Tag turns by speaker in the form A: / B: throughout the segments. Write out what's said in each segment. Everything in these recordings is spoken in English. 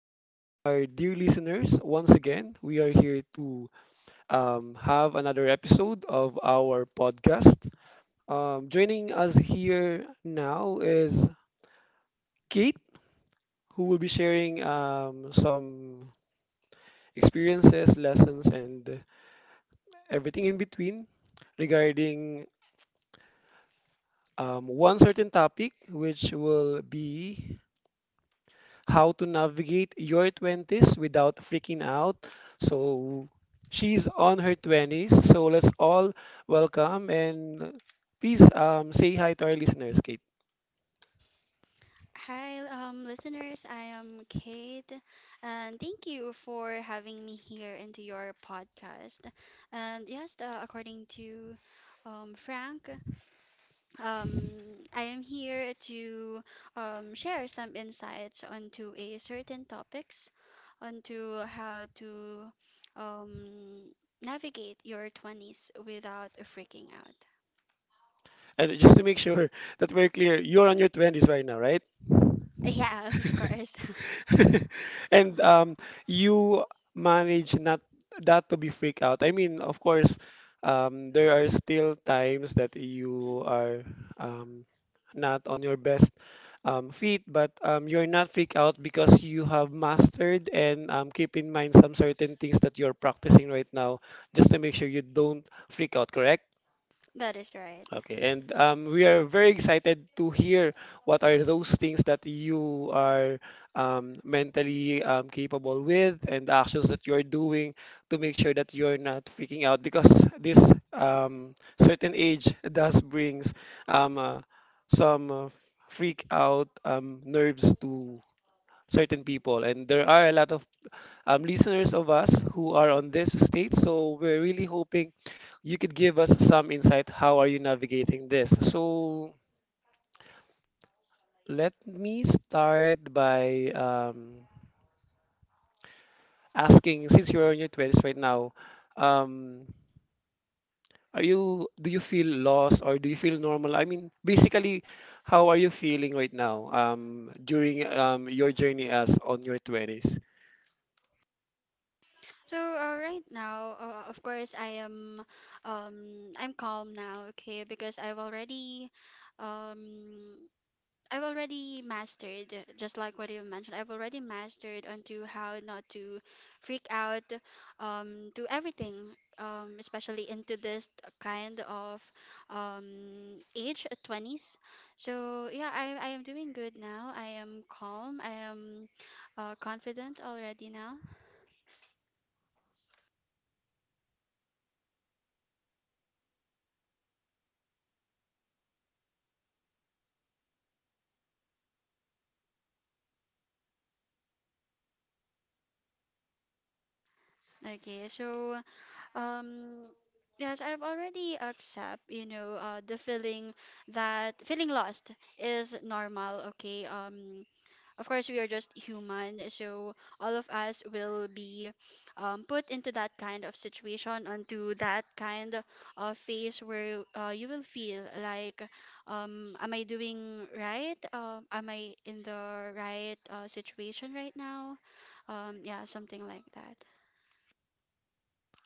A: Good morning, our dear listeners. Once again, we are here to have another episode of our podcast. Joining us here now is Kate, who will be sharing some experiences, lessons, and everything in between regarding one certain topic, which will be how to navigate your 20s without freaking out. So she's on her 20s. So let's all welcome and please say hi to our listeners, Kate.
B: Hi, listeners. I am Kate, and thank you for having me here into your podcast. And yes, according to Frank, um, I am here to share some insights onto a certain topics, onto how to um, navigate your 20s without freaking out.
A: And just to make sure that we're clear, you're on your 20s right now, right?
B: Yes, of course.
A: And you manage not that to be freak out. I mean, of course, there are still times that you are um, not on your best feet, but you're not freak out because you have mastered and keep in mind some certain things that you're practicing right now just to make sure you don't freak out, correct?
B: That is right.
A: Okay, and we are very excited to hear what are those things that you are mentally capable with and the actions that you're doing to make sure that you're not freaking out because this um, certain age does brings um, uh, some freak out nerves to certain people and there are a lot of listeners of us who are on this state. So we're really hoping you could give us some insight. How are you navigating this? So let me start by asking, since you're in your 20s right now, um, are you do you feel lost or do you feel normal? I mean, basically, how are you feeling right now during your journey as on your 20s?
B: So right now, of course, I'm calm now. Okay, because um, I've already mastered, just like what you mentioned, I've already mastered onto how not to freak out, to everything, especially into this kind of, age, 20s. So yeah, I am doing good now. I am calm. Confident already now. Okay, so um yes, I've already accept, the feeling that feeling lost is normal, okay? Of course we are just human, so all of us will be put into that kind of situation, onto that kind of phase where you will feel like am I doing right? Am I in the right situation right now? Yeah, something like that.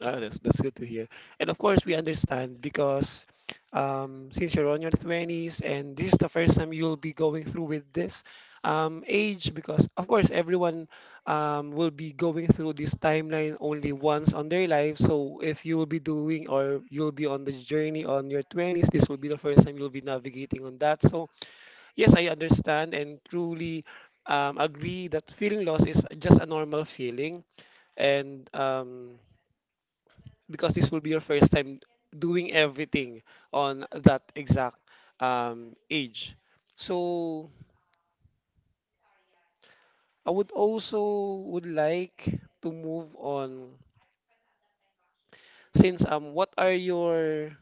A: Oh, that's good to hear. And of course, we understand because since you're on your 20s and this is the first time you'll be going through with this age, because of course everyone will be going through this timeline only once on their life. So if you will be doing or you'll be on the journey on your 20s, this will be the first time you'll be navigating on that. So yes, I understand and truly agree that feeling loss is just a normal feeling and because this will be your first time doing everything on that exact age. So I would also would like to move on since what are your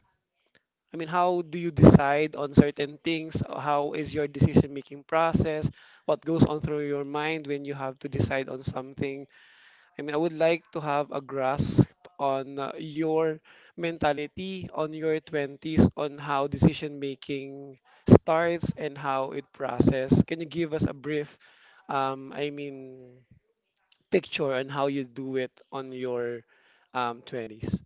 A: I mean how do you decide on certain things? How is your decision making process? What goes on through your mind when you have to decide on something? I mean, I would like to have a grasp on your mentality, on your 20s, on how decision making starts and how it process. Can you give us a brief, I mean, picture on how you do it on your 20s?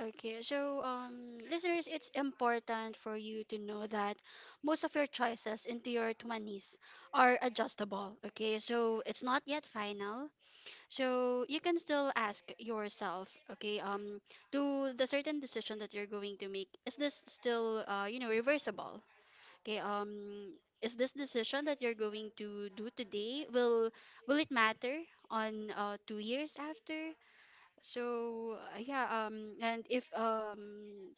B: Okay, so listeners, it's important for you to know that most of your choices into your 20s are adjustable. Okay, so it's not yet final. So you can still ask yourself, okay, to the certain decision that you're going to make, is this still, you know, reversible? Okay, is this decision that you're going to do today will it matter on 2 years after? So yeah, and if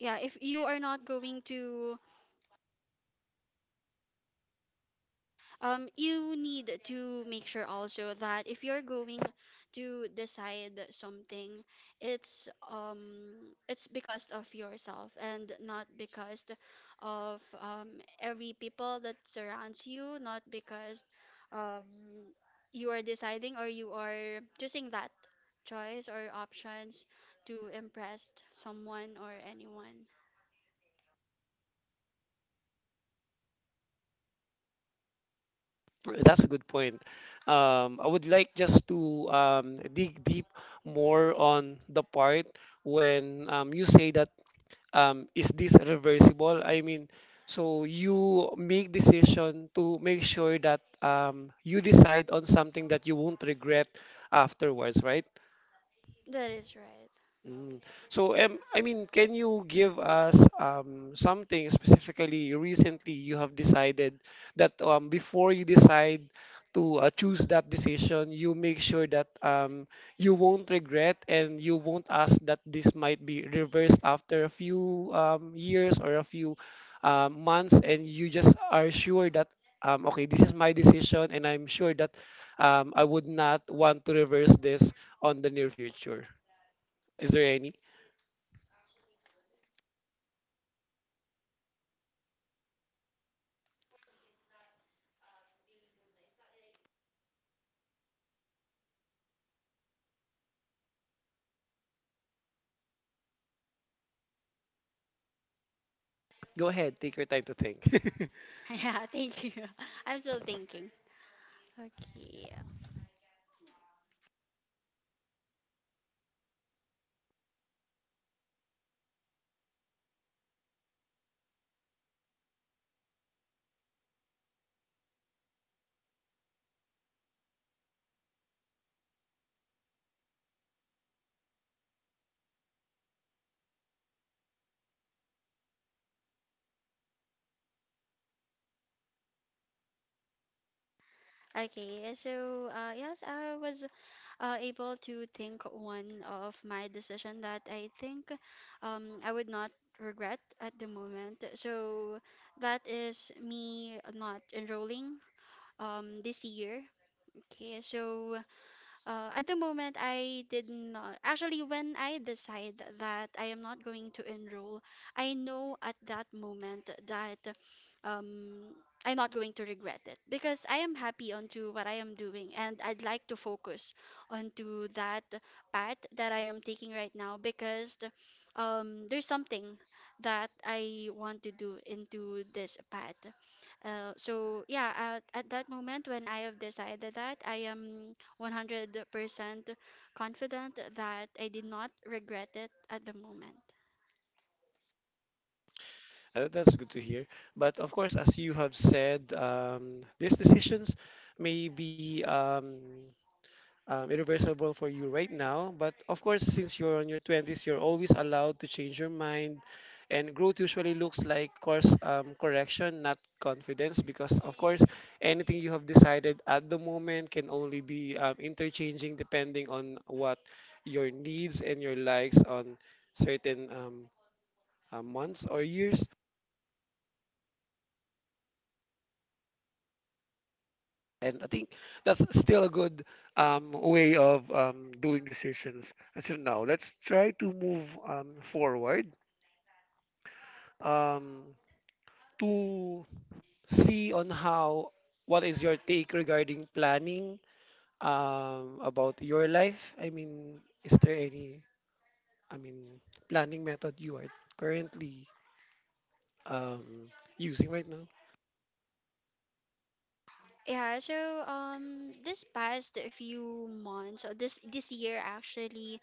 B: yeah, if you are not going to you need to make sure also that if you're going to decide something, it's it's because of yourself and not because of every people that surrounds you, not because um you are deciding or you are choosing that choice or options to impress someone or anyone.
A: That's a good point. I would like just to dig deep more on the part when you say that is this reversible? I mean, so you make decision to make sure that you decide on something that you won't regret afterwards, right?
B: That is right.
A: Mm. So, I mean, can you give us something specifically recently you have decided that before you decide to choose that decision, you make sure that you won't regret and you won't ask that this might be reversed after a few years or a few months, and you just are sure that, okay, this is my decision, and I'm sure that I would not want to reverse this on the near future. Is there any? Go ahead, take your time to think.
B: Yeah, thank you. I'm still thinking. Okay. Okay, yes, I was able to think one of my decision that I think I would not regret at the moment. So that is me not enrolling this year. Okay, so at the moment, I did not. Actually, when I decide that I am not going to enroll, I know at that moment that um, I'm not going to regret it because I am happy onto what I am doing and I'd like to focus onto that path that I am taking right now because there's something that I want to do into this path. So yeah, at that moment when I have decided that I am 100% confident that I did not regret it at the moment.
A: That's good to hear. But of course, as you have said, these decisions may be irreversible for you right now. But of course, since you're on your 20s, you're always allowed to change your mind. And growth usually looks like course correction, not confidence, because of course, anything you have decided at the moment can only be interchanging depending on what your needs and your likes on certain months or years. And I think that's still a good way of doing decisions. And so now let's try to move forward um, to see on how what is your take regarding planning about your life. I mean, is there any I mean planning method you are currently um, using right now?
B: Yeah, so this past few months or this year actually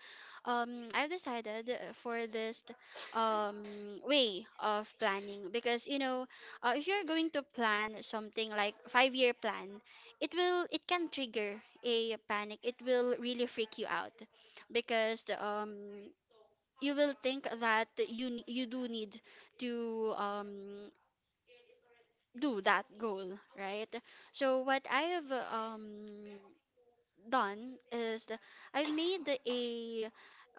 B: I've decided for this um way of planning because you know if you're going to plan something like 5 year plan it will it can trigger a panic. It will really freak you out because you will think that you do need to do that goal, right? So what I have done is I've made a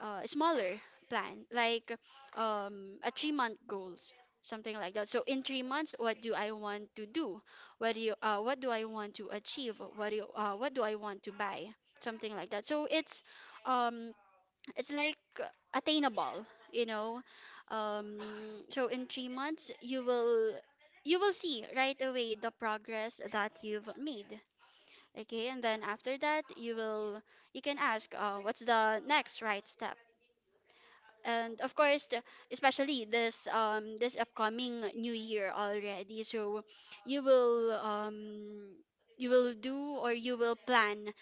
B: smaller plan, like a 3 month goals, something like that. So in 3 months, what do I want to do? What do I want to achieve? What do I want to buy? Something like that. So it's um it's like attainable, you know. um so in 3 months you will see right away the progress that you've made. Okay, and then after that you will you can ask, what's the next right step? And of course especially this upcoming new year already. So you will um you will do or you will plan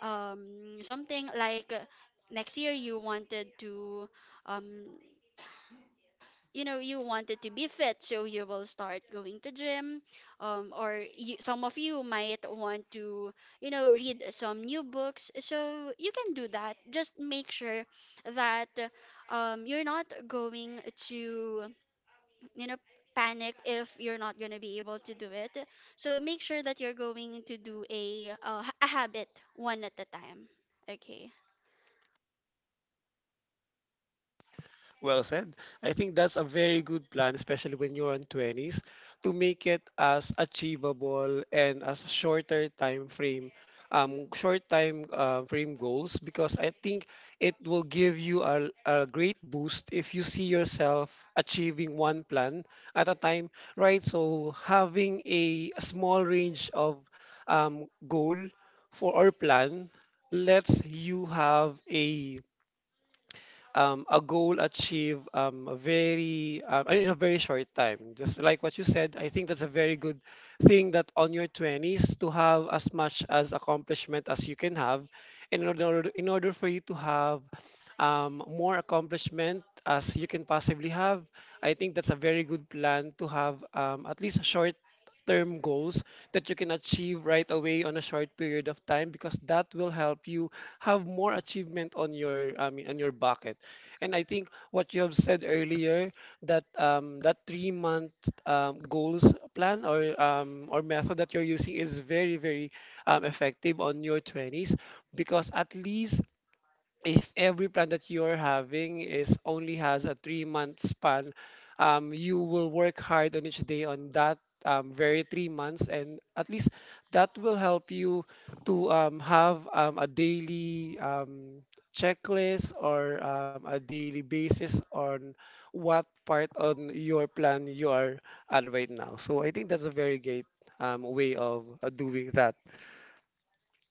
B: something like, next year you wanted to um you know, you wanted to be fit, so you will start going to gym, or you, some of you might want to, you know, read some new books, so you can do that. Just make sure that you're not going to, you know, panic if you're not going to be able to do it. So make sure that you're going to do a habit one at a time. Okay.
A: Well said. I think that's a very good plan, especially when you're in 20s, to make it as achievable and as shorter time frame, short time frame goals, because I think it will give you a great boost if you see yourself achieving one plan at a time, right? So having a small range of goal for our plan lets you have a goal achieved a very in a very short time. Just like what you said, I think that's a very good thing that on your 20s to have as much as accomplishment as you can have, and in order for you to have more accomplishment as you can possibly have, I think that's a very good plan to have at least short term goals that you can achieve right away on a short period of time because that will help you have more achievement on your on your bucket. And I think what you have said earlier that that 3 month goals plan or method that you're using is very effective on your 20s because at least if every plan that you're having is only has a 3 month span, you will work hard on each day on that very 3 months, and at least that will help you to have a daily checklist or a daily basis on what part on your plan you are at right now. So I think that's a very great way of doing that.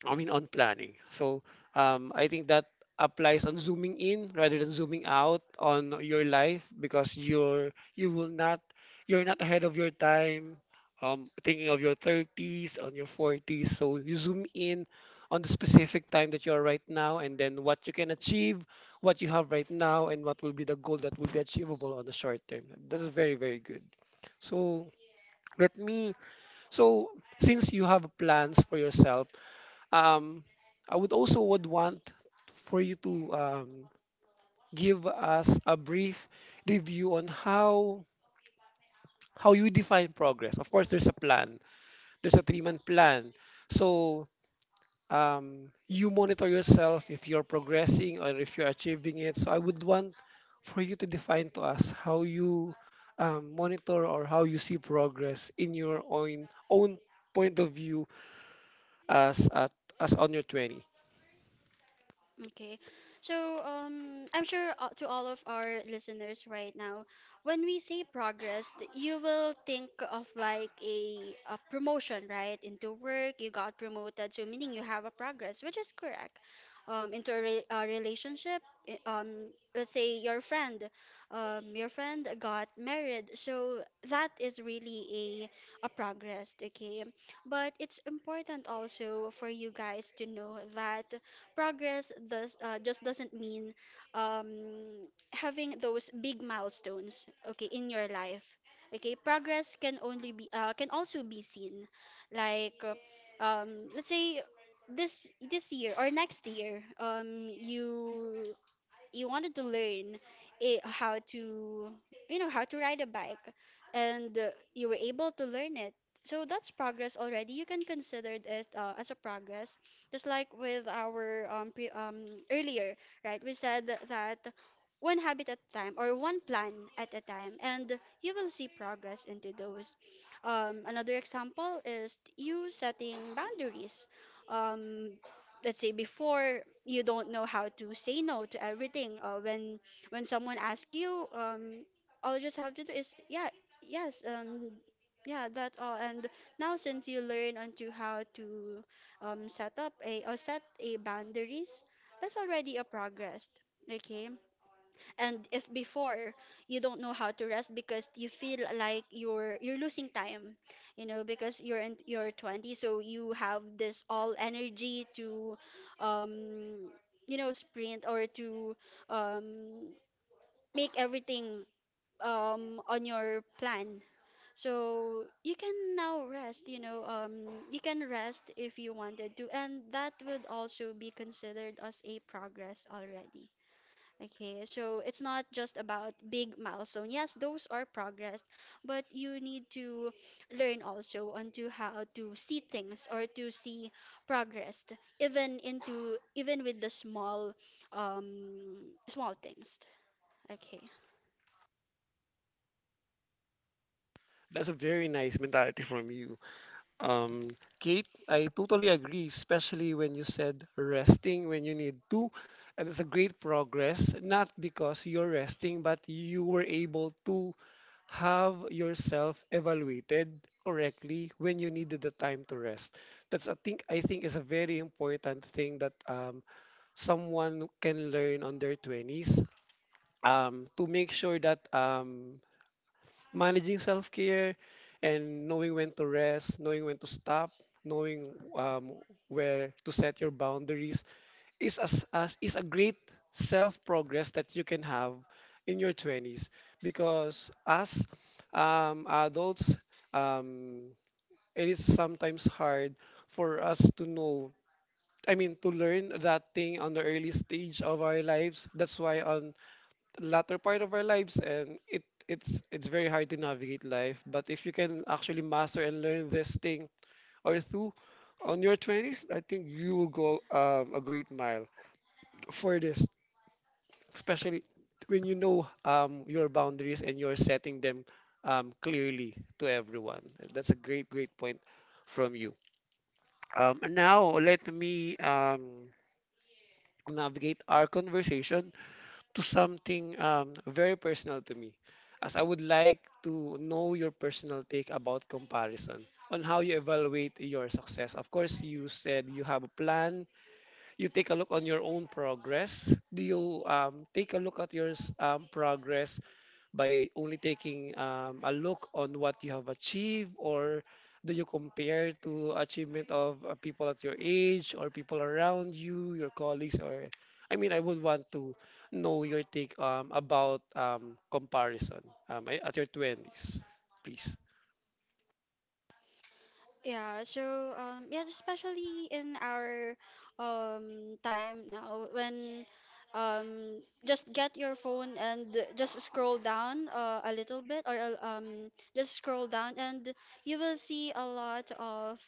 A: I mean, on planning. So I think that applies on zooming in rather than zooming out on your life because you will not you're not ahead of your time. Thinking of your 30s, on your 40s, so you zoom in on the specific time that you are right now, and then what you can achieve, what you have right now, and what will be the goal that will be achievable on the short term. That's very, very good. So let me. So since you have plans for yourself um, I would also would want for you to give us a brief review on how you define progress. Of course, there's a plan. There's a three-month plan. So you monitor yourself if you're progressing or if you're achieving it. So I would want for you to define to us how you monitor or how you see progress in your own point of view as at, as on your 20.
B: Okay, so, I'm sure, to all of our listeners right now, when we say progress, you will think of like a promotion, right? Into work, you got promoted, so meaning you have a progress, which is correct. Into a relationship, i- um, let's say your friend got married, so that is really a progress, okay? But it's important also for you guys to know that progress does just doesn't mean um, having those big milestones, okay, in your life. Okay, progress can also be seen, like uh, let's say this year or next year, you wanted to learn it, how to, you know, how to ride a bike, and you were able to learn it, so that's progress already. You can consider it as a progress. Just like with our earlier, right, we said that one habit at a time or one plan at a time, and you will see progress into those. Another example is you setting boundaries. um, let's say before you don't know how to say no to everything, when someone asks you, all you just have to do is yes um yeah, that all. And now since you learn onto how to set up a or set a boundaries, that's already a progress. Okay. And if before, you don't know how to rest because you feel like you're losing time, you know, because you're in your 20s, so you have this all energy to um you know, sprint, or to um make everything on your plan. So you can now rest, you know, you can rest if you wanted to, and that would also be considered as a progress already. Okay, so it's not just about big milestone. Yes, those are progress, but you need to learn also onto how to see things or to see progress, even into even with the small small things. Okay.
A: That's a very nice mentality from you. Um, Kate, I totally agree, especially when you said resting when you need to. And it's a great progress, not because you're resting, but you were able to have yourself evaluated correctly when you needed the time to rest. That's I think is a very important thing that someone can learn on their 20s to make sure that managing self-care and knowing when to rest, knowing when to stop, knowing where to set your boundaries is as is a great self-progress that you can have in your 20s because as adults um, it is sometimes hard for us to know to learn that thing on the early stage of our lives, that's why on the latter part of our lives and it it's very hard to navigate life. But if you can actually master and learn this thing or two on your 20s, I think you will go a great mile for this, especially when you know your boundaries and you're setting them clearly to everyone. That's a great point from you. And now let me navigate our conversation to something very personal to me, as I would like to know your personal take about comparison on how you evaluate your success. Of course, you said you have a plan. You take a look on your own progress. Do you take a look at progress by only taking a look on what you have achieved, or do you compare to achievement of people at your age or people around you, your colleagues, or I mean I would want to know your take about comparison at your 20s, please?
B: Yeah, so especially in our time now when just get your phone and just scroll down a little bit or just scroll down, and you will see a lot of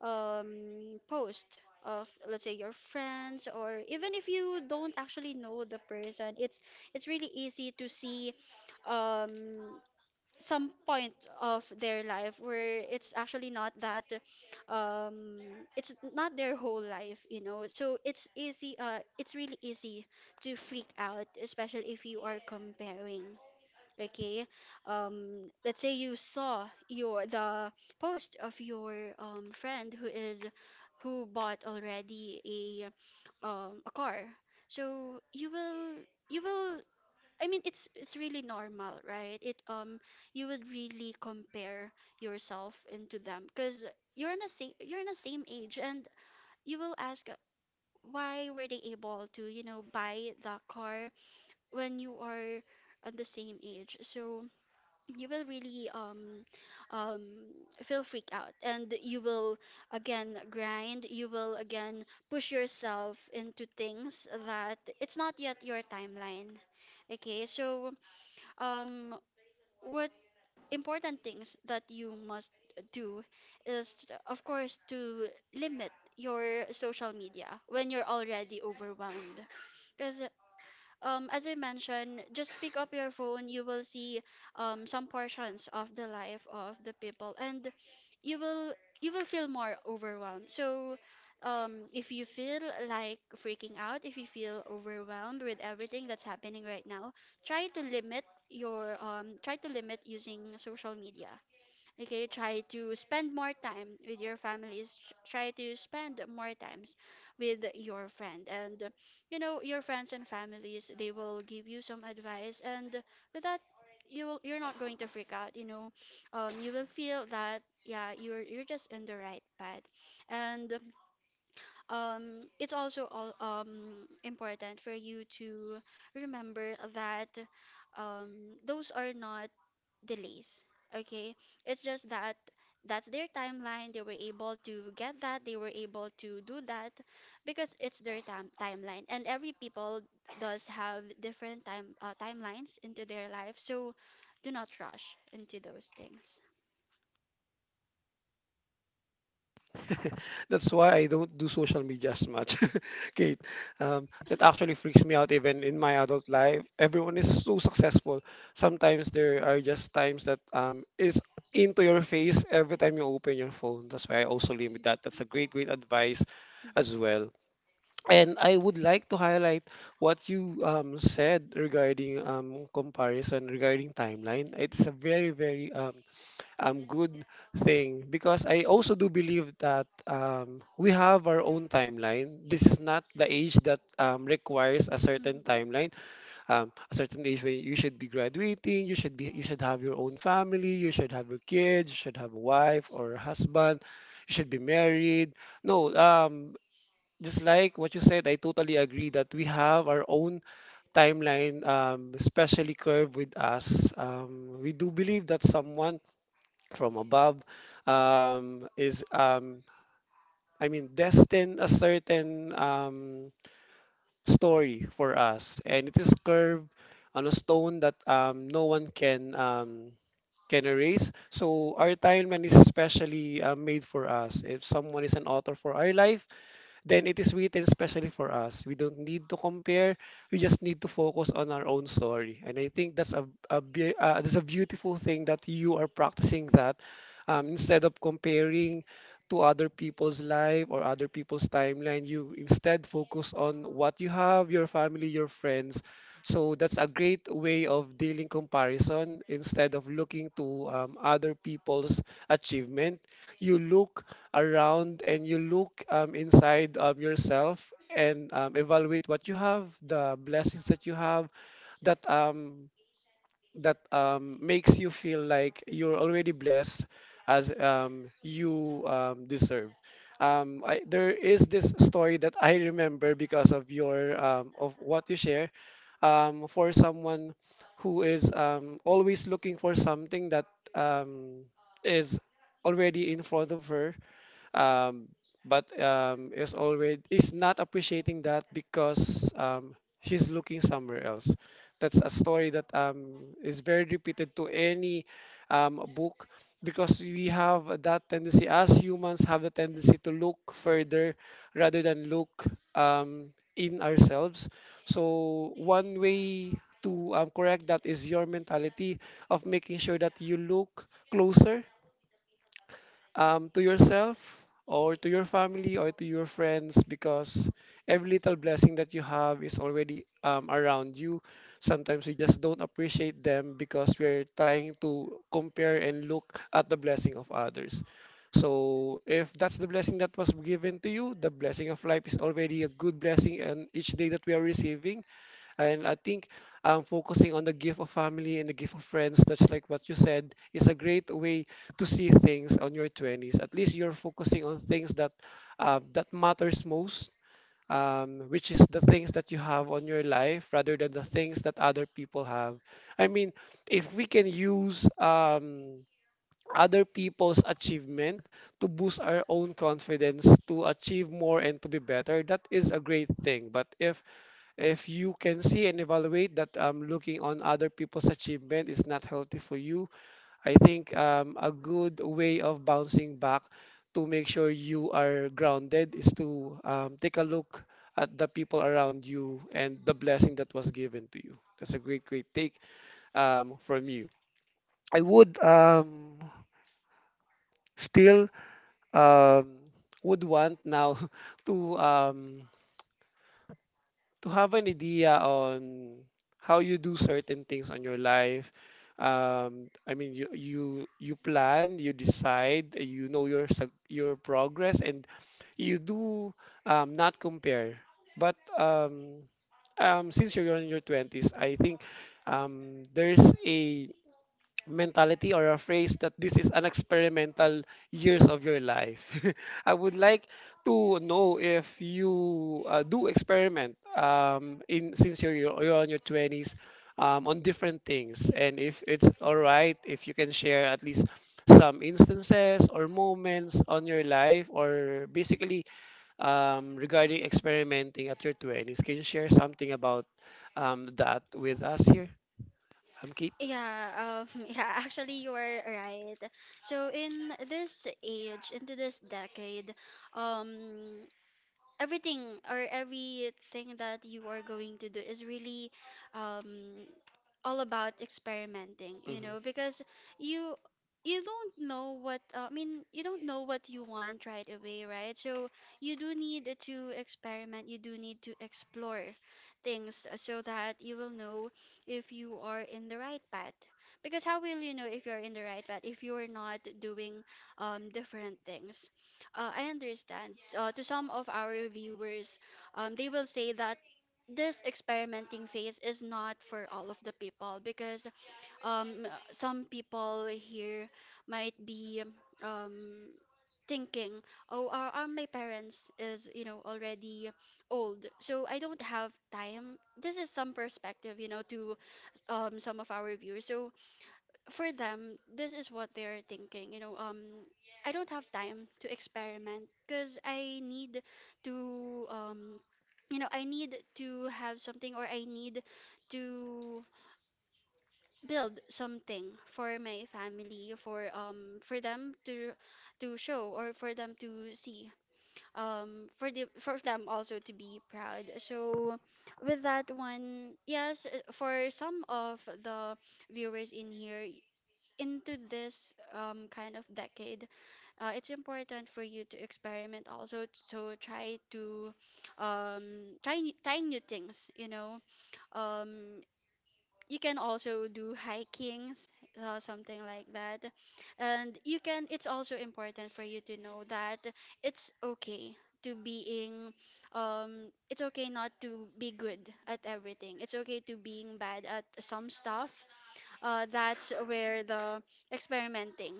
B: post of, let's say, your friends, or even if you don't actually know the person, it's really easy to see um some point of their life where it's actually not that um it's not their whole life, you know. So it's really easy to freak out, especially if you are comparing. Okay, let's say you saw your the post of your friend who is who bought already a car. So you will you will, I mean, it's really normal, right? It You would really compare yourself into them because you're in the same age, and you will ask, why were they able to, you know, buy the car when you are at the same age. So you will really um feel freak out, and you will again grind, you will again push yourself into things that it's not yet your timeline. Okay, so um what important things that you must do is of course to limit your social media when you're already overwhelmed, because, as I mentioned, just pick up your phone. You will see some portions of the life of the people, and you will you will feel more overwhelmed. So, if you feel like freaking out, if you feel overwhelmed with everything that's happening right now, try to limit your try to limit using social media. Okay, try to spend more time with your families. Try to spend more times with your friend. And, you know, your friends and families, they will give you some advice. And with that, you're not going to freak out, you know. You will feel that, yeah, you're just in the right path. And it's also all, important for you to remember that those are not delays. Okay, it's just that that's their timeline. They were able to get that. They were able to do that because it's their timeline. And every people does have different timelines into their life. So do not rush into those things.
A: That's why I don't do social media as much, Kate. That actually freaks me out even in my adult life. Everyone is so successful. Sometimes there are just times that it's into your face every time you open your phone. That's why I also limit that. That's a great, great advice as
B: Mhm.
A: well. And I would like to highlight what you said regarding comparison, regarding timeline. It's a very, very good thing because I also do believe that we have our own timeline. This is not the age that requires a certain
B: Mhm.
A: timeline. A certain age when you should be graduating, you should have your own family, you should have your kids, you should have a wife or a husband, you should be married. No, just like what you said, I totally agree that we have our own timeline, especially curve with us. We do believe that someone from above is, I mean, destined a certain story for us, and it is curved on a stone that no one can erase. So our timeline is specially made for us. If someone is an author for our life, then it is written specially for us. We don't need to compare. We just need to focus on our own story. And I think that's a beautiful thing that you are practicing, that instead of comparing to other people's life or other people's timeline, you instead focus on what you have, your family, your friends. So that's a great way of dealing comparison. Instead of looking to other people's achievement, you look around and you look inside of yourself and evaluate what you have, the blessings that you have, that um, that makes you feel like you're already blessed as you deserve. There is this story that I remember because of what you share, for someone who is always looking for something that um, is already in front of her, um, but is not appreciating that because she's looking somewhere else. That's a story that is very repeated to any book, because we have that tendency, as humans have the tendency to look further rather than look in ourselves. So one way to correct that is your mentality of making sure that you look closer, to yourself or to your family or to your friends, because every little blessing that you have is already around you. Sometimes we just don't appreciate them because we're trying to compare and look at the blessing of others. So if that's the blessing that was given to you, the blessing of life is already a good blessing, and each day that we are receiving, and I think focusing on the gift of family and the gift of friends, that's, like what you said, is a great way to see things on your 20s. At least you're focusing on things that that matters most, which is the things that you have on your life rather than the things that other people have. I mean, if we can use other people's achievement to boost our own confidence to achieve more and to be better, that is a great thing. But if you can see and evaluate that looking on other people's achievement is not healthy for you, I think a good way of bouncing back to make sure you are grounded is to take a look at the people around you and the blessing that was given to you. That's a great, great take from you. I would still um, would want now to to have an idea on how you do certain things on your life. I mean, you plan, you decide, you know your progress, and you do not compare. But since you're in your 20s, I think there's a mentality or a phrase that this is an experimental years of your life. I would like to know if you do experiment, in since you're on your 20s, on different things. And if it's all right, if you can share at least some instances or moments on your life, or basically regarding experimenting at your 20s. Can you share something about that with us here? I'm Kate.
B: Yeah, yeah, actually, you are right. So, in this age, into this decade, um, everything everything that you are going to do is really um all about experimenting you
A: Mhm.
B: know because you you don't know what you don't know what you want right away, right? So you do need to experiment, you do need to explore things so that you will know if you are in the right path, because how will you know if you're in the right path if you're not doing different things. I understand. To some of our viewers, they will say that this experimenting phase is not for all of the people, because um, some people here might be um, thinking, oh, are my parents is, you know, already old, so I don't have time. This is some perspective, you know, to some of our viewers. So for them, this is what they're thinking. You know, I don't have time to experiment because I need to, I need to have something, or I need to build something for my family, for them to show, or for them to see, for the for them also to be proud. So with that one, yes, for some of the viewers in here, into this kind of decade, it's important for you to experiment also. So try to try new things. You know, um, you can also do hikings, something like that, and you can. It's also important for you to know that it's okay to being it's okay not to be good at everything. It's okay to being bad at some stuff. That's where the experimenting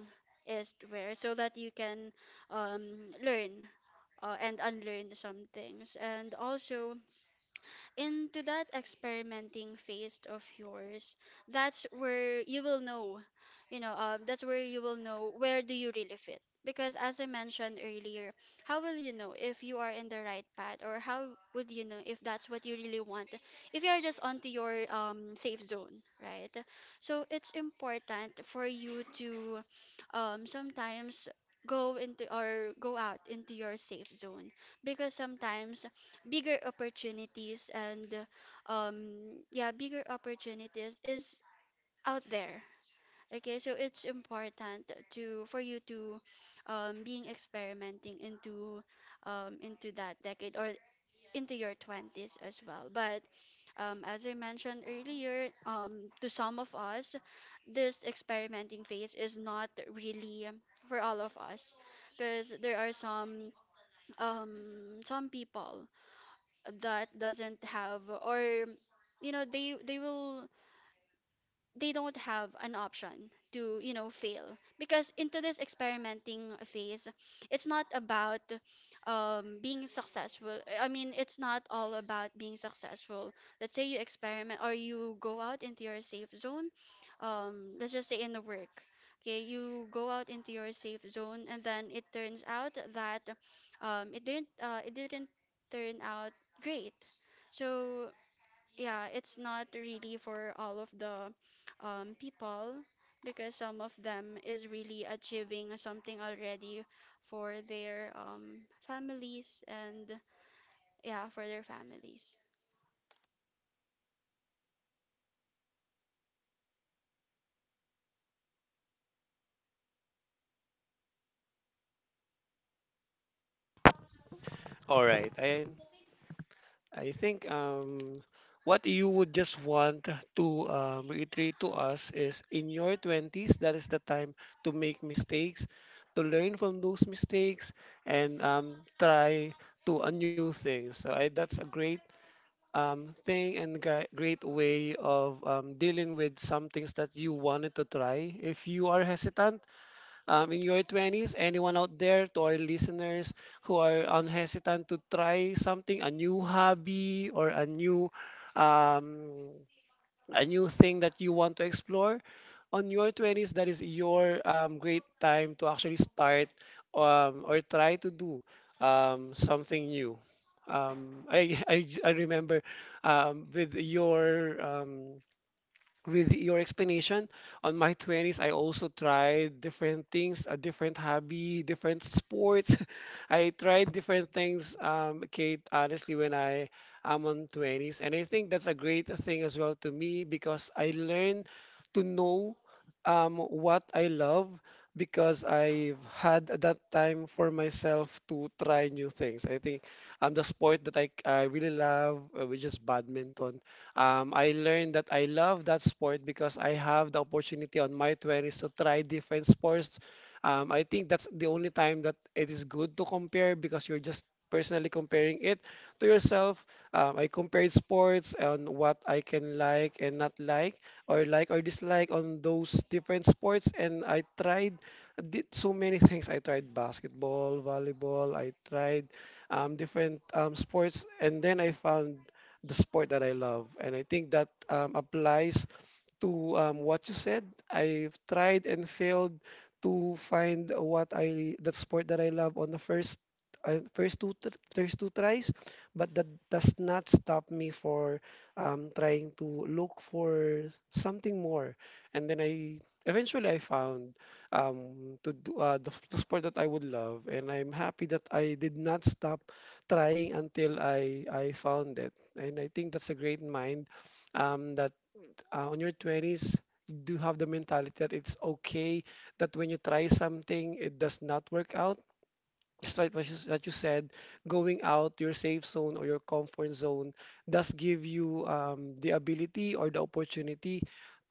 B: is, where so that you can um, learn and unlearn some things. And also, into that experimenting phase of yours, that's where you will know, that's where you will know where do you really fit, because as I mentioned earlier, how will you know if you are in the right path, or how would you know if that's what you really want, if you are just onto your safe zone, right? So it's important for you to sometimes go into or go out into your safe zone, because sometimes bigger opportunities and um yeah, bigger opportunities is out there. Okay, so it's important to for you to being experimenting into that decade, or into your 20s as well. But as I mentioned earlier, to some of us, this experimenting phase is not really for all of us, because there are um some people that doesn't have, or you know, they will they don't have an option to, you know, fail. Because into this experimenting phase, it's not about being successful. I mean, it's not all about being successful. Let's say you experiment or you go out into your safe zone, let's just say in the work. Okay, you go out into your safe zone, and then it turns out that it didn't turn out great. So yeah, it's not really for all of the people, because some of them is really achieving something already for their families, and yeah, for their families.
A: All right. I think what you would just want to reiterate to us is, in your 20s, that is the time to make mistakes, to learn from those mistakes, and try to a new things. That's a great thing and great way of dealing with some things that you wanted to try. If you are hesitant, in your 20s, anyone out there, to our listeners who are unhesitant to try something, a new hobby or um, a new thing that you want to explore, on your 20s, that is your great time to actually start or try to do something new. I remember um, with your um, with your explanation. On my 20s, I also tried different things, a different hobby, different sports. I tried different things, Kate, honestly, when I am on 20s. And I think that's a great thing as well to me because I learned to know what I love, because I've had that time for myself to try new things. I think the sport that I really love, which is badminton, I learned that I love that sport because I have the opportunity on my 20s to try different sports. I think that's the only time that it is good to compare, because you're just personally comparing it to yourself. I compared sports and what I can like and not like, or like or dislike on those different sports, and I tried did so many things. I tried basketball, volleyball. I tried different sports, and then I found the sport that I love. And I think that applies to what you said. I've tried and failed to find what I that sport that I love on the first two tries, but that does not stop me for trying to look for something more. And then I eventually I found the sport that I would love, and I'm happy that I did not stop trying until I found it. And I think that's a great mind that on your 20s, you do have the mentality that it's okay that when you try something, it does not work out. Just like what you said, going out your safe zone or your comfort zone does give you the ability or the opportunity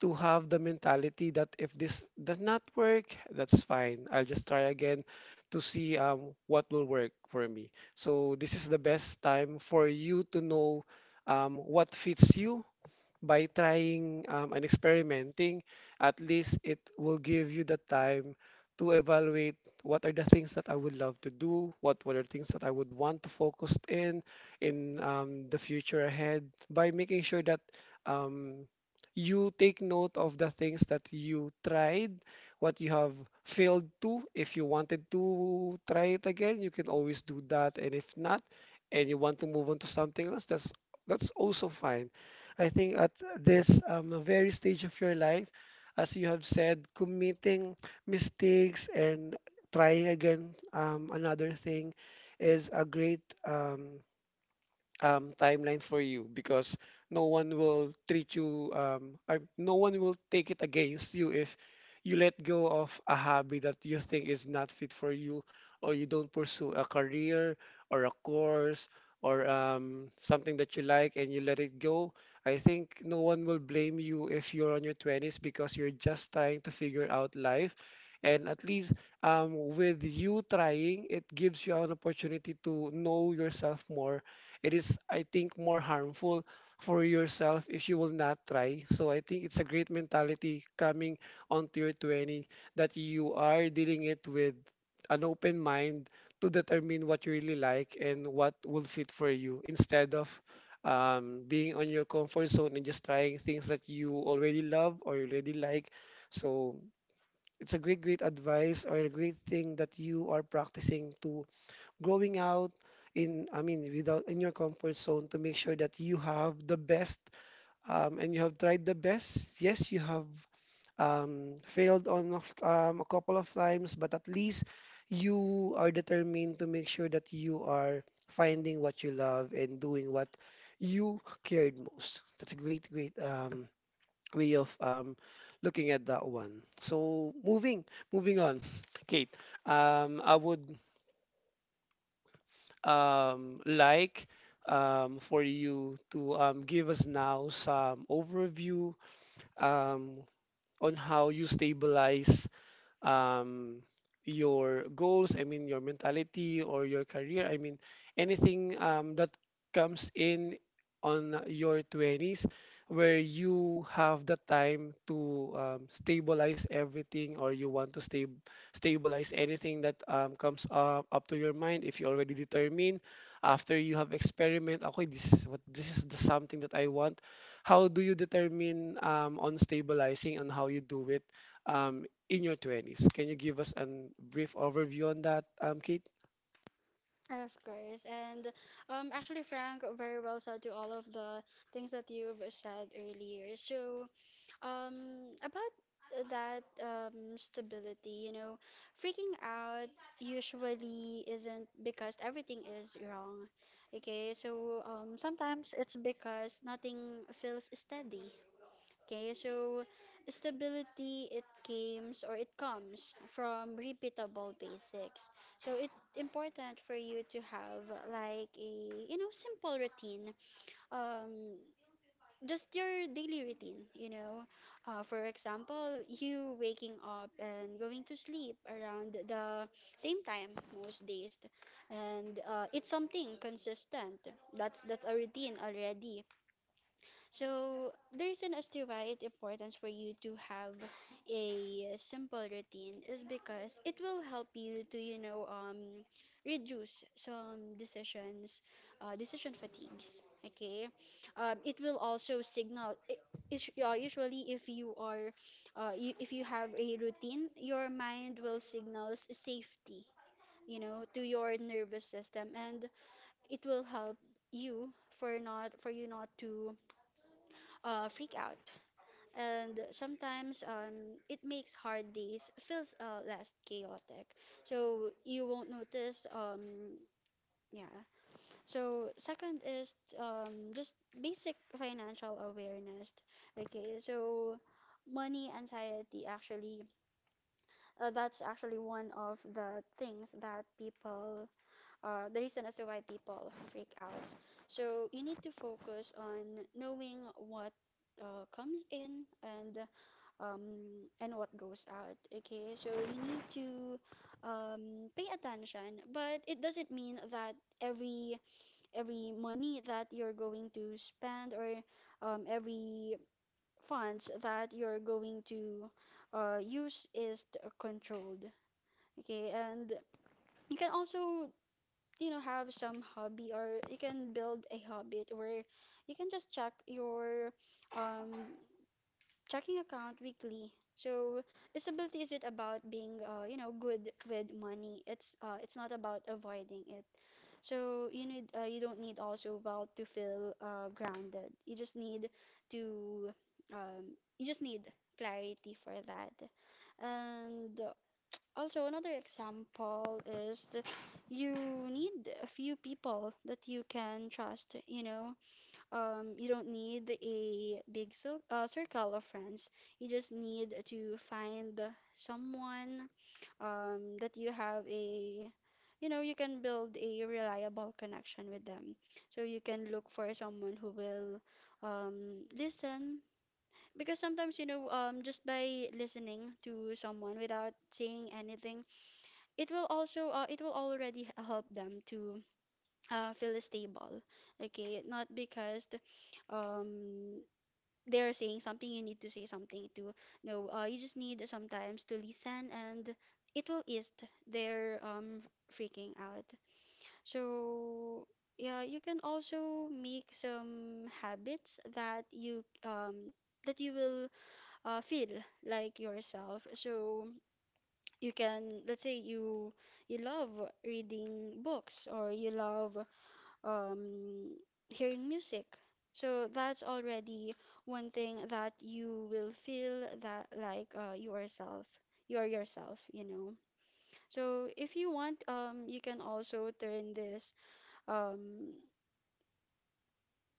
A: to have the mentality that if this does not work, that's fine. I'll just try again to see what will work for me. So this is the best time for you to know what fits you by trying and experimenting. At least it will give you the time to evaluate what are the things that I would love to do, what were the things that I would want to focus in in the future ahead, by making sure that um, you take note of the things that you tried, what you have failed to. If you wanted to try it again, you can always do that. And if not, and you want to move on to something else, that's also fine. I think at this very stage of your life, as you have said, committing mistakes and trying again another thing is a great timeline for you, because no one will treat you, no one will take it against you if you let go of a hobby that you think is not fit for you, or you don't pursue a career or a course or something that you like, and you let it go. I think no one will blame you if you're on your 20s, because you're just trying to figure out life. And at least with you trying, it gives you an opportunity to know yourself more. It is, I think, more harmful for yourself if you will not try. So I think it's a great mentality coming onto your 20s that you are dealing it with an open mind, to determine what you really like and what will fit for you, instead of being on your comfort zone and just trying things that you already love or you already like. So it's a great, great advice or a great thing that you are practicing to going out in, I mean, without in your comfort zone to make sure that you have the best, and you have tried the best. Yes, you have a couple of times, but at least you are determined to make sure that you are finding what you love and doing what you cared most. That's a great, great way of looking at that one. So moving on. Kate, I would like for you to give us now some overview um, on how you stabilize um, your goals, I mean, your mentality or your career. I mean, anything that comes in on your 20s where you have the time to stabilize everything, or you want to stabilize anything that comes up to your mind. If you already determine, after you have experiment, okay, this is what, this is the something that I want, how do you determine on stabilizing, and how you do it um, in your 20s? Can you give us a brief overview on that, Kate?
B: Of course. And actually, Frank, very well said to all of the things that you've said earlier. So, about that stability, you know, freaking out usually isn't because everything is wrong. Okay, so sometimes it's because nothing feels steady. Okay, so stability it comes, or it comes from repeatable basics. So it's important for you to have like a, you know, simple routine. Um just your daily routine, you know. For example, you waking up and going to sleep around the same time most days, and it's something consistent. That's a routine already. So there is an as to why it's important for you to have a simple routine, is because it will help you to, you know, reduce some decisions, decision fatigues. Okay, it will also signal. Usually, if you are, if you have a routine, your mind will signals safety, you know, to your nervous system, and it will help you for not for you not to freak out, and sometimes it makes hard days feels less chaotic. So you won't notice. Yeah. So second is just basic financial awareness. Okay. So money anxiety actually that's actually one of the things that people the reason as to why people freak out. So you need to focus on knowing what comes in, and what goes out. Okay, so you need to um, pay attention, but it doesn't mean that every every money that you're going to spend, or every funds that you're going to use is controlled. Okay, and you can also, you know, have some hobby, or you can build a habit where you can just check your um checking account weekly. So disability isn't about being, you know, good with money. It's not about avoiding it. So you need, you don't need also wealth to feel grounded. You just need to, you just need clarity for that. And also another example is you need a few people that you can trust. You know, you don't need a big circle of friends. You just need to find someone that you have a, you know, you can build a reliable connection with them. So you can look for someone who will listen. Because sometimes, you know, just by listening to someone without saying anything, it will also, it will already help them to feel stable. Okay, not because um they're saying something, you need to say something to no, you just need sometimes to listen, and it will ease their freaking out. So yeah, you can also make some habits that you will feel like yourself. So you can, let's say you you love reading books, or you love um, hearing music. So that's already one thing that you will feel that like you are yourself, you know. So if you want, you can also turn this. Um,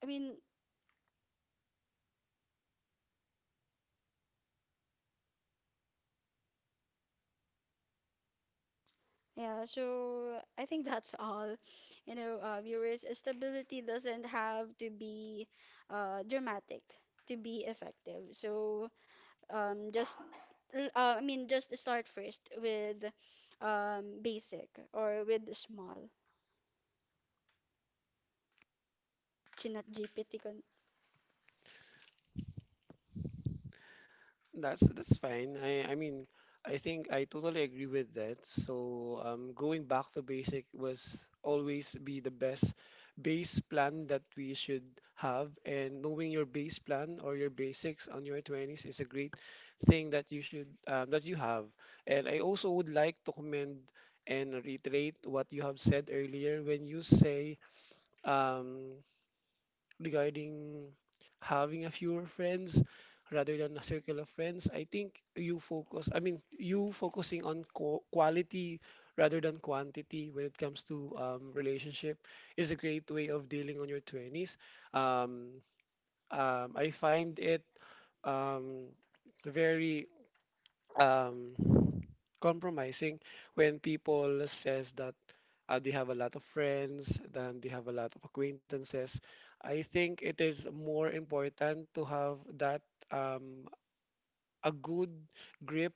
B: I mean, yeah. So I think that's all. You know, viewers, stability doesn't have to be dramatic to be effective. So just just start first with basic or with small chinat GPT con
A: That's fine. I mean, I think I totally agree with that. So, going back to basic was always be the best base plan that we should have, and knowing your base plan or your basics on your 20s is a great thing that you should that you have. And I also would like to commend and reiterate what you have said earlier when you say um, regarding having a fewer friends rather than a circle of friends. I think you focusing on qu quality rather than quantity when it comes to relationship is a great way of dealing on your 20s. Um, I find it um, very um, compromising when people says that they have a lot of friends, then they have a lot of acquaintances. I think it is more important to have that um, a good grip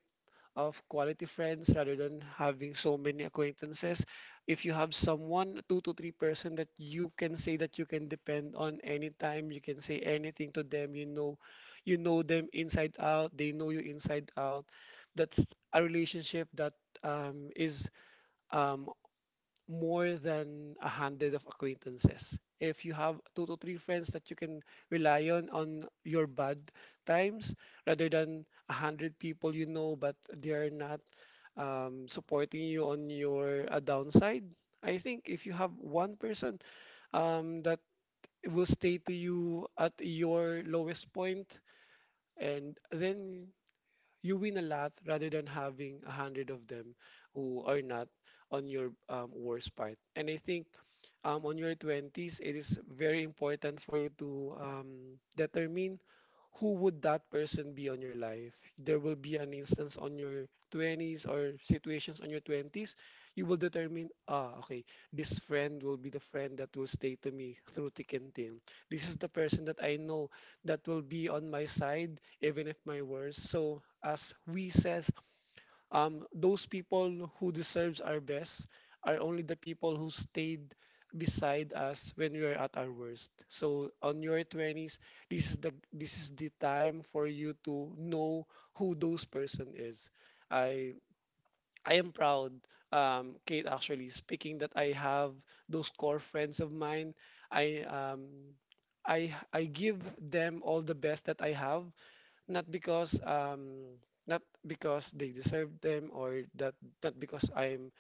A: of quality friends rather than having so many acquaintances. If you have someone, two to three person that you can say that you can depend on anytime, you can say anything to them, you know them inside out, they know you inside out. That's a relationship that is um, more than a handful of acquaintances. If you have two to three friends that you can rely on your bad times, rather than a hundred people you know but they are not supporting you on your downside, I think if you have one person that will stay to you at your lowest point, and then you win a lot rather than having a hundred of them who are not on your worst part. And I think on your 20s, it is very important for you to determine who would that person be on your life. There will be an instance on your 20s or situations on your 20s. You will determine, ah, okay, this friend will be the friend that will stay to me through thick and thin. This is the person that I know that will be on my side, even if my worst. So, as we says, those people who deserves our best are only the people who stayed beside us when we are at our worst. So on your 20s, this is the time for you to know who those person is. I I am proud, Kate, actually speaking, that I have those core friends of mine. I um I give them all the best that I have, not because um not because they deserve them, or that not because I'm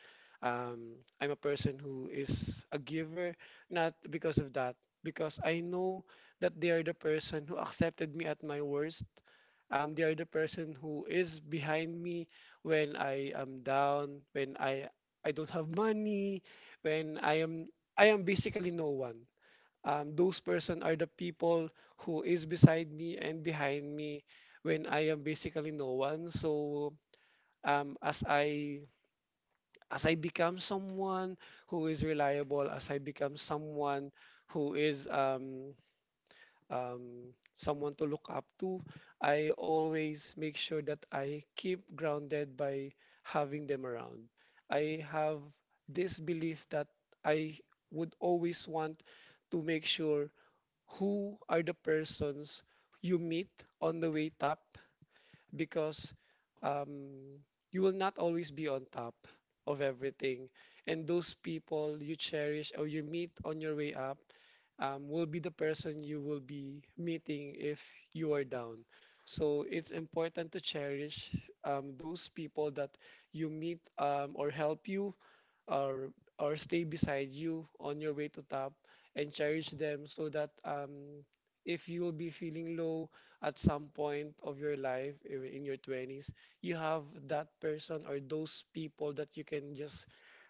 A: um I'm a person who is a giver, not because of that, because I know that they are the person who accepted me at my worst. They are the person who is behind me when I am down, when I don't have money, when I am basically no one. Those person are the people who is beside me and behind me when I am basically no one. So um, as I as I become someone who is reliable, as I become someone who is someone to look up to, I always make sure that I keep grounded by having them around. I have this belief that I would always want to make sure who are the persons you meet on the way top, because um, you will not always be on top of everything. And those people you cherish or you meet on your way up will be the person you will be meeting if you are down. So it's important to cherish those people that you meet or help you or or stay beside you on your way to top, encourage them, so that if you will be feeling low at some point of your life in your 20s, you have that person or those people that you can just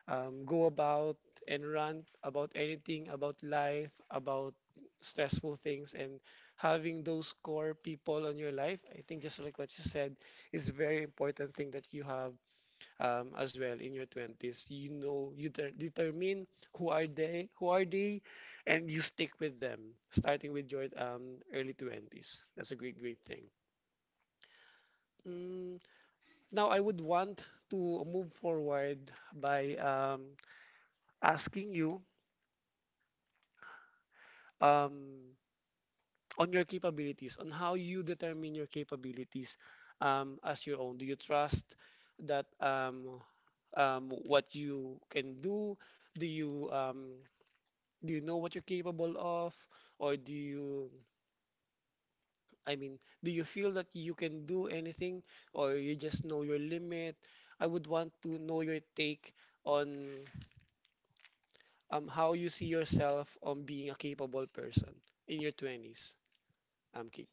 A: go about and rant about anything, about life, about stressful things. And having those core people on your life, I think, just like what you said, is a very important thing that you have as well in your 20s. You know, you determine who are they, and you stick with them starting with your early 20s. That's a great, great thing. Mm, now I would want to move forward by asking you um, on your capabilities, on how you determine your capabilities as your own. Do you trust that what you can do? do you um, Do you know what you're capable of? Or do you, I mean, do you feel that you can do anything, or you just know your limit? I would want to know your take on how you see yourself on being a capable person in your 20s, Kate.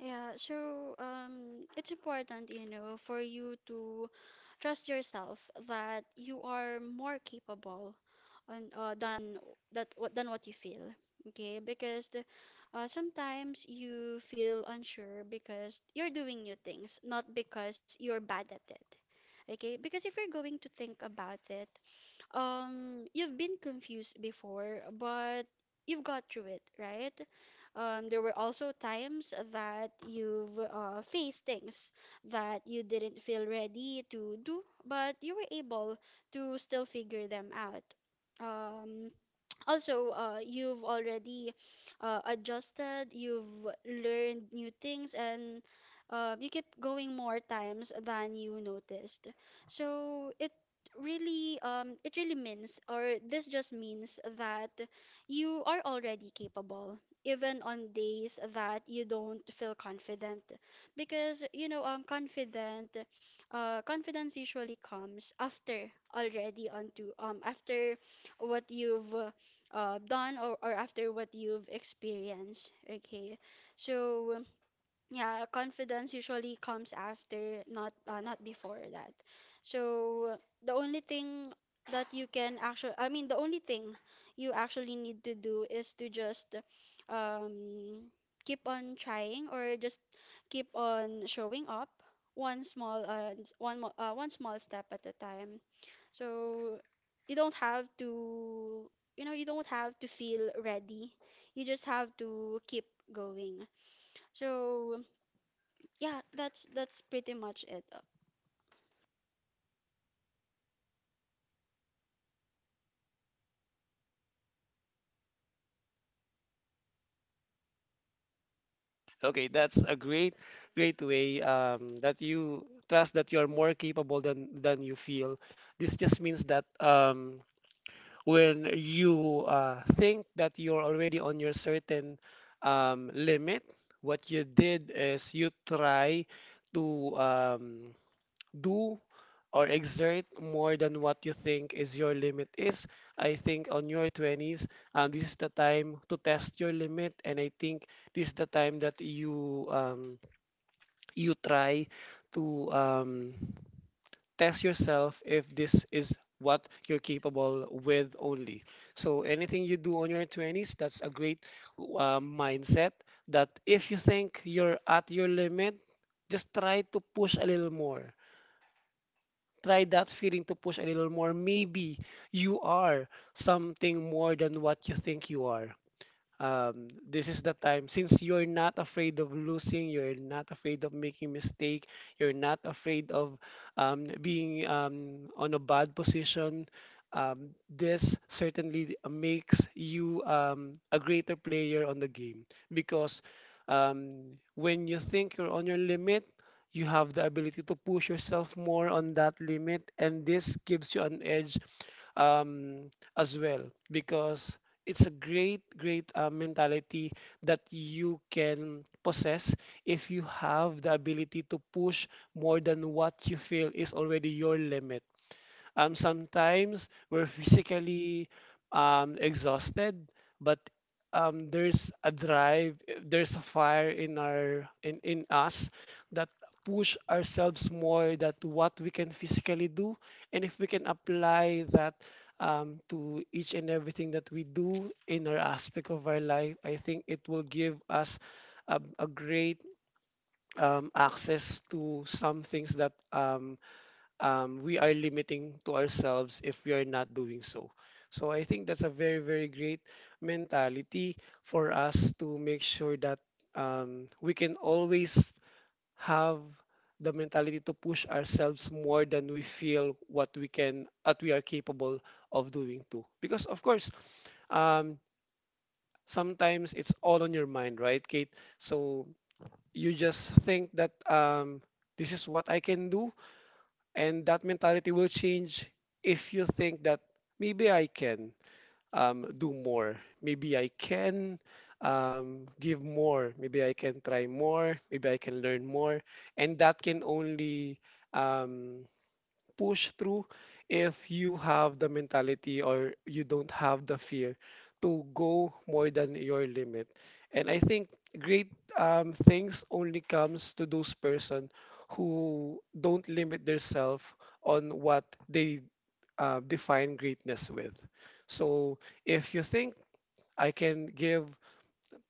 B: yeah so it's important, you know, for you to trust yourself that you are more capable on than that what than what you feel. Okay, because the, sometimes you feel unsure because you're doing new things, not because you're bad at it. Okay, because if you're going to think about it, you've been confused before, but you've got through it, right? There were also times that you've faced things that you didn't feel ready to do, but you were able to still figure them out. Um, also you've already adjusted, you've learned new things, and you kept going more times than you noticed. So it really means, or this just means, that you are already capable, even on days that you don't feel confident, because you know confident confidence usually comes after already onto after what you've done, or after what you've experienced. Okay. So yeah, confidence usually comes after, not not before that. So the only thing that you can actually, I mean, the only thing you actually need to do is to just um, keep on trying, or just keep on showing up one small step at a time. So you don't have to, you know, you don't have to feel ready. You just have to keep going. So. Yeah, that's pretty much it.
A: Okay, that's a great, great way that you trust that you're more capable than you feel. This just means that when you think that you're already on your certain limit, what you did is you try to do or exert more than what you think is your limit is. I think on your 20s, this is the time to test your limit, and I think this is the time that you you try to test yourself if this is what you're capable with only. So anything you do on your 20s, that's a great mindset, that if you think you're at your limit, just try to push a little more. Try that feeling to push a little more. Maybe you are something more than what you think you are. This is the time, since you're not afraid of losing, you're not afraid of making mistake, you're not afraid of being on a bad position. This certainly makes you a greater player on the game, because when you think you're on your limit, you have the ability to push yourself more on that limit, and this gives you an edge um, as well, because it's a great, great mentality that you can possess if you have the ability to push more than what you feel is already your limit. Sometimes we're physically exhausted, but there's a drive, there's a fire in our in us that push ourselves more that what we can physically do, and if we can apply that to each and everything that we do in our aspect of our life, I think it will give us a great access to some things that we are limiting to ourselves if we are not doing so. So I think that's a very, very great mentality for us to make sure that we can always have the mentality to push ourselves more than we feel what we can, what we are capable of doing too. Because of course, um, sometimes it's all on your mind, right, Kate? So you just think that this is what I can do, and that mentality will change if you think that maybe I can do more, maybe I can give more, maybe I can try more, maybe I can learn more. And that can only um, push through if you have the mentality, or you don't have the fear to go more than your limit. And I think great things only comes to those person who don't limit themselves on what they define greatness with. So if you think I can give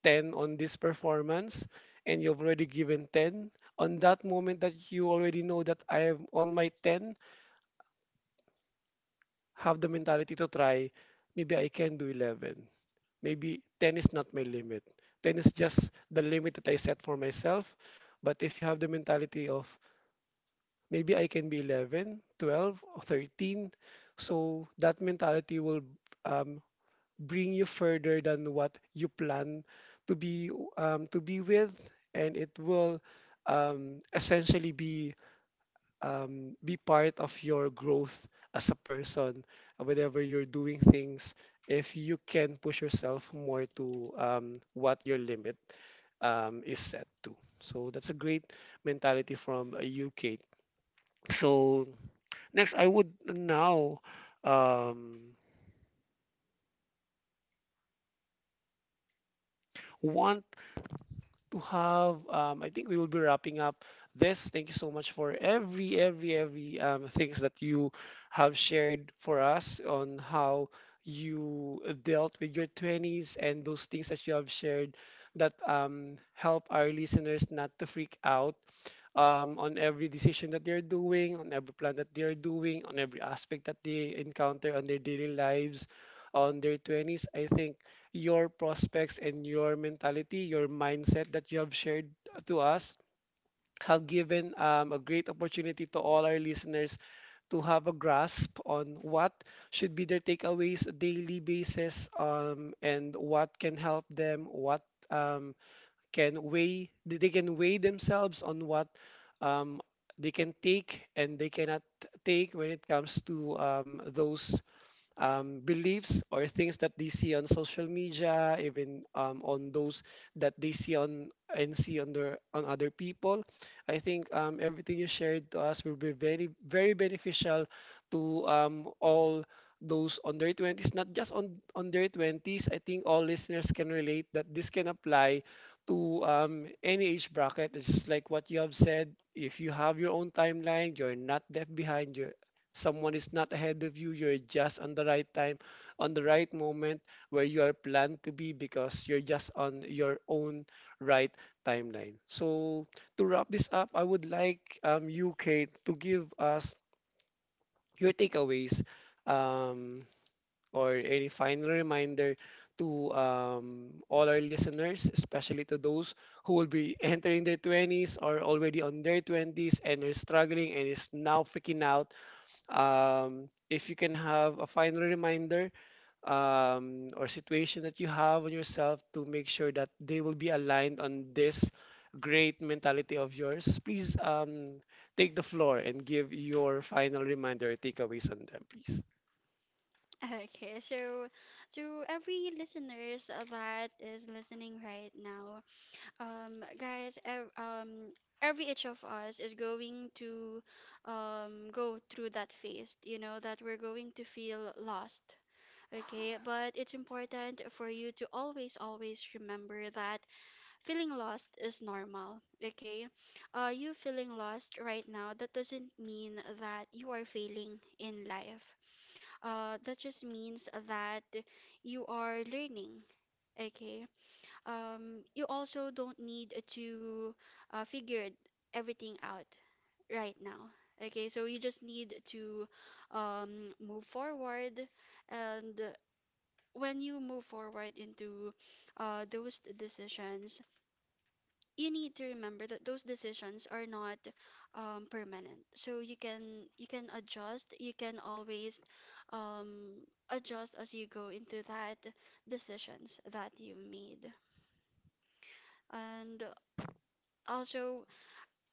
A: 10 on this performance, and you've already given 10, on that moment that you already know that I am on my 10, have the mentality to try, maybe I can do 11. Maybe 10 is not my limit. 10 is just the limit that I set for myself. But if you have the mentality of maybe I can be 11, 12, or 13, so that mentality will um, bring you further than what you plan to be to be with, and it will essentially be part of your growth as a person whenever you're doing things if you can push yourself more to what your limit is set to, so that's a great mentality from you, Kate. So next I would now um, want to have. I think we will be wrapping up this. Thank you so much for every things that you have shared for us on how you dealt with your 20s and those things that you have shared that help our listeners not to freak out on every decision that they're doing, on every plan that they're doing, on every aspect that they encounter on their daily lives, on their 20s. I think your prospects and your mentality, your mindset that you have shared to us have given a great opportunity to all our listeners to have a grasp on what should be their takeaways daily basis, and what can help them, what um, can weigh, they can weigh themselves on what um, they can take and they cannot take when it comes to those beliefs or things that they see on social media, even on those that they see on and see on their, on other people. I think everything you shared to us will be very very beneficial to all those on their 20s, not just on their 20s. I think all listeners can relate that this can apply to any age bracket. It's just like what you have said. If you have your own timeline, you're not left behind. You're, someone is not ahead of you. You're just on the right time, on the right moment where you are planned to be, because you're just on your own right timeline. So to wrap this up, I would like you, Kate, to give us your takeaways. Um, or a final reminder to all our listeners, especially to those who will be entering their 20s or already on their 20s and are struggling and is now freaking out. If you can have a final reminder or situation that you have on yourself to make sure that they will be aligned on this great mentality of yours, please take the floor and give your final reminder or takeaways on them, please.
B: Okay, so to every listeners that is listening right now, guys, ev every each of us is going to go through that phase, you know, that we're going to feel lost. Okay, but it's important for you to always, always remember that feeling lost is normal, okay? You feeling lost right now, that doesn't mean that you are failing in life. That just means that you are learning, okay? You also don't need to figure everything out right now. Okay, so you just need to move forward, and when you move forward into those decisions, you need to remember that those decisions are not permanent, so you can adjust, you can always um, adjust as you go into that decisions that you made. And also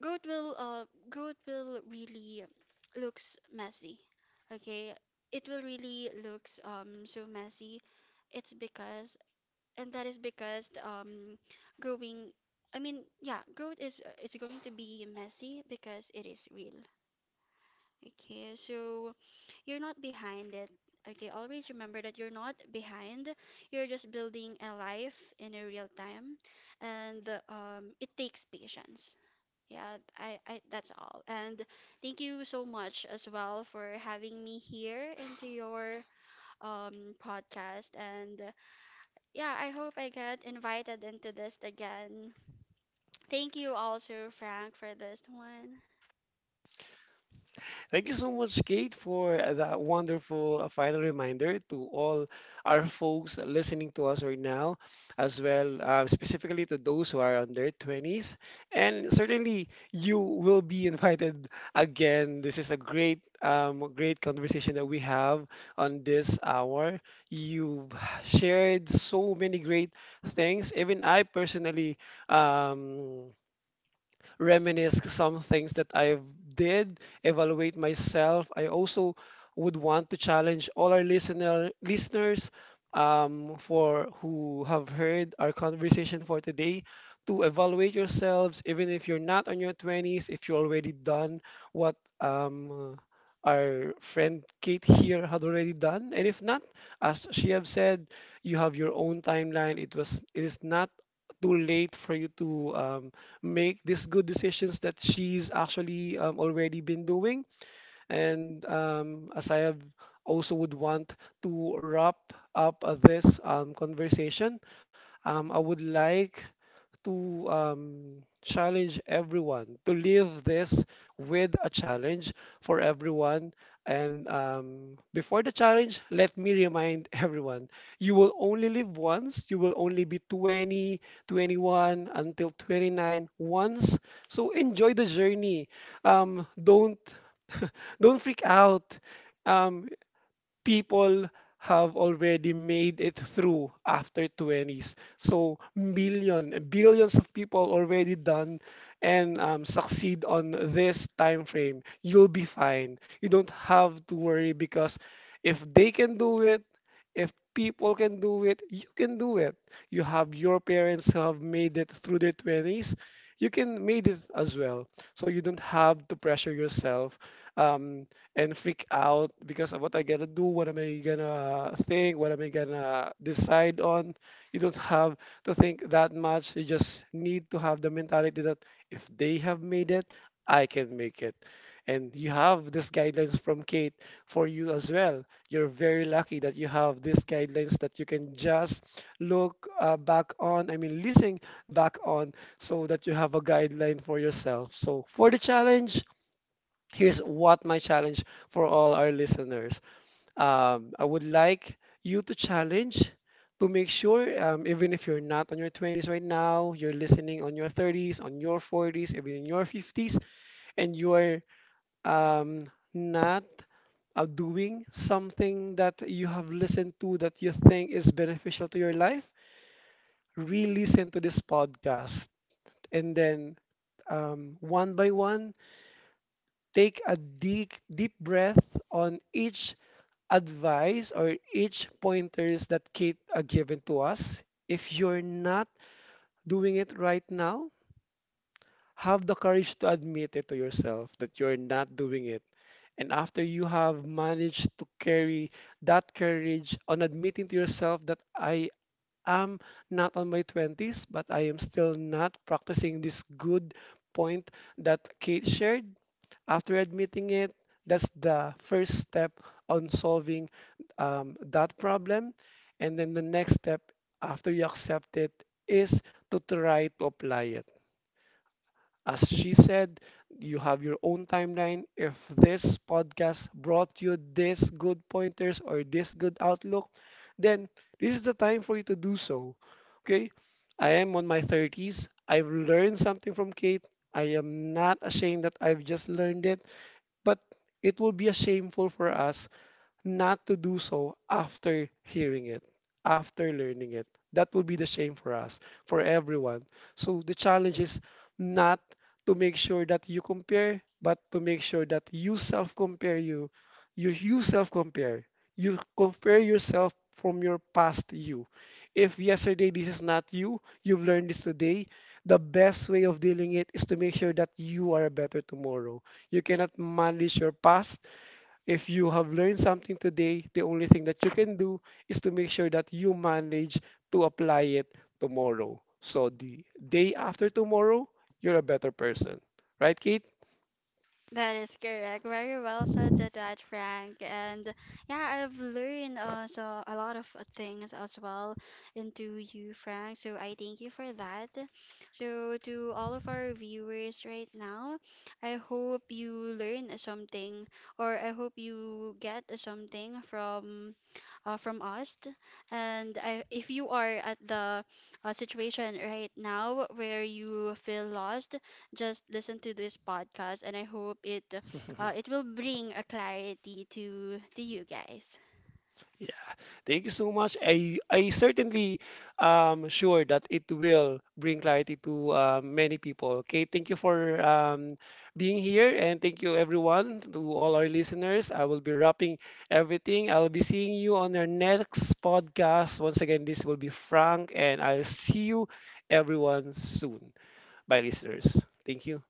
B: growth will uh, growth will really looks messy. Okay, it will really looks so messy. It's because, and that is because growing I mean yeah, growth is going to be messy because it is real. Okay, so you're not behind it. Okay, always remember that you're not behind, you're just building a life in a real time, and it takes patience. Yeah, I that's all, and thank you so much as well for having me here into your podcast, and yeah, I hope I get invited into this again. Thank you also, Frank, for this one.
A: Thank you so much, Kate, for that wonderful final reminder to all our folks listening to us right now, as well, specifically to those who are on their 20s. And certainly, you will be invited again. This is a great, great conversation that we have on this hour. You've shared so many great things. Even I personally. Um, Reminisce some things that I've did, evaluate myself. I also would want to challenge all our listeners for who have heard our conversation for today to evaluate yourselves, even if you're not on your 20s, if you're already done what um, our friend Kate here had already done. And if not, as she have said, you have your own timeline. It is not too late for you to make these good decisions that she's actually already been doing. And as I have also would want to wrap up this conversation, I would like to challenge everyone, to leave this with a challenge for everyone. And before the challenge, let me remind everyone, you will only live once, you will only be 20, 21 until 29 once. So enjoy the journey. Don't don't freak out. Um, People have already made it through after 20s. So million, billions of people already done and succeed on this time frame. You'll be fine. You don't have to worry, because if they can do it, if people can do it, you can do it. You have your parents who have made it through their 20s. You can made it as well. So you don't have to pressure yourself. Um, and freak out because of what I gotta do, what am I gonna think, what am I gonna decide on. You don't have to think that much. You just need to have the mentality that if they have made it, I can make it. And you have these guidelines from Kate for you as well. You're very lucky that you have these guidelines that you can just look back on, I mean, listen back on, so that you have a guideline for yourself. So, for the challenge, here's what my challenge for all our listeners. I would like you to challenge to make sure, even if you're not on your 20s right now, you're listening on your 30s, on your 40s, even in your 50s, and you are um, not doing something that you have listened to that you think is beneficial to your life, re listen to this podcast. And then one by one, take a deep, deep breath on each advice or each pointers that Kate given to us. If you're not doing it right now, have the courage to admit it to yourself that you're not doing it. And after you have managed to carry that courage on admitting to yourself that I am not on my 20s, but I am still not practicing this good point that Kate shared, after admitting it, that's the first step on solving that problem. And then the next step after you accept it is to try to apply it. As she said, you have your own timeline. If this podcast brought you this good pointers or this good outlook, then this is the time for you to do so. Okay? I am on my 30s. I've learned something from Kate. I am not ashamed that I've just learned it, but it will be a shameful for us not to do so after hearing it, after learning it. That will be the shame for us, for everyone. So the challenge is not to make sure that you compare, but to make sure that you self compare you, you self compare. You compare yourself from your past you. If yesterday this is not you, you've learned this today, the best way of dealing it is to make sure that you are better tomorrow. You cannot manage your past if you have learned something today. The only thing that you can do is to make sure that you manage to apply it tomorrow. So the day after tomorrow, you're a better person. Right, Kate?
B: That is correct. Very well said to that, Frank. And yeah, I've learned also a lot of things as well into you, Frank. So I thank you for that. So to all of our viewers right now, I hope you learn something, or I hope you get something from us. And I, if you are at the situation right now where you feel lost, just listen to this podcast, and I hope it it will bring a clarity to you guys.
A: Thank you so much. I certainly sure that it will bring clarity to many people. Okay, thank you for being here, and thank you everyone, to all our listeners. I will be wrapping everything. I'll be seeing you on our next podcast. Once again, this will be Frank, and I'll see you everyone soon. Bye listeners. Thank you.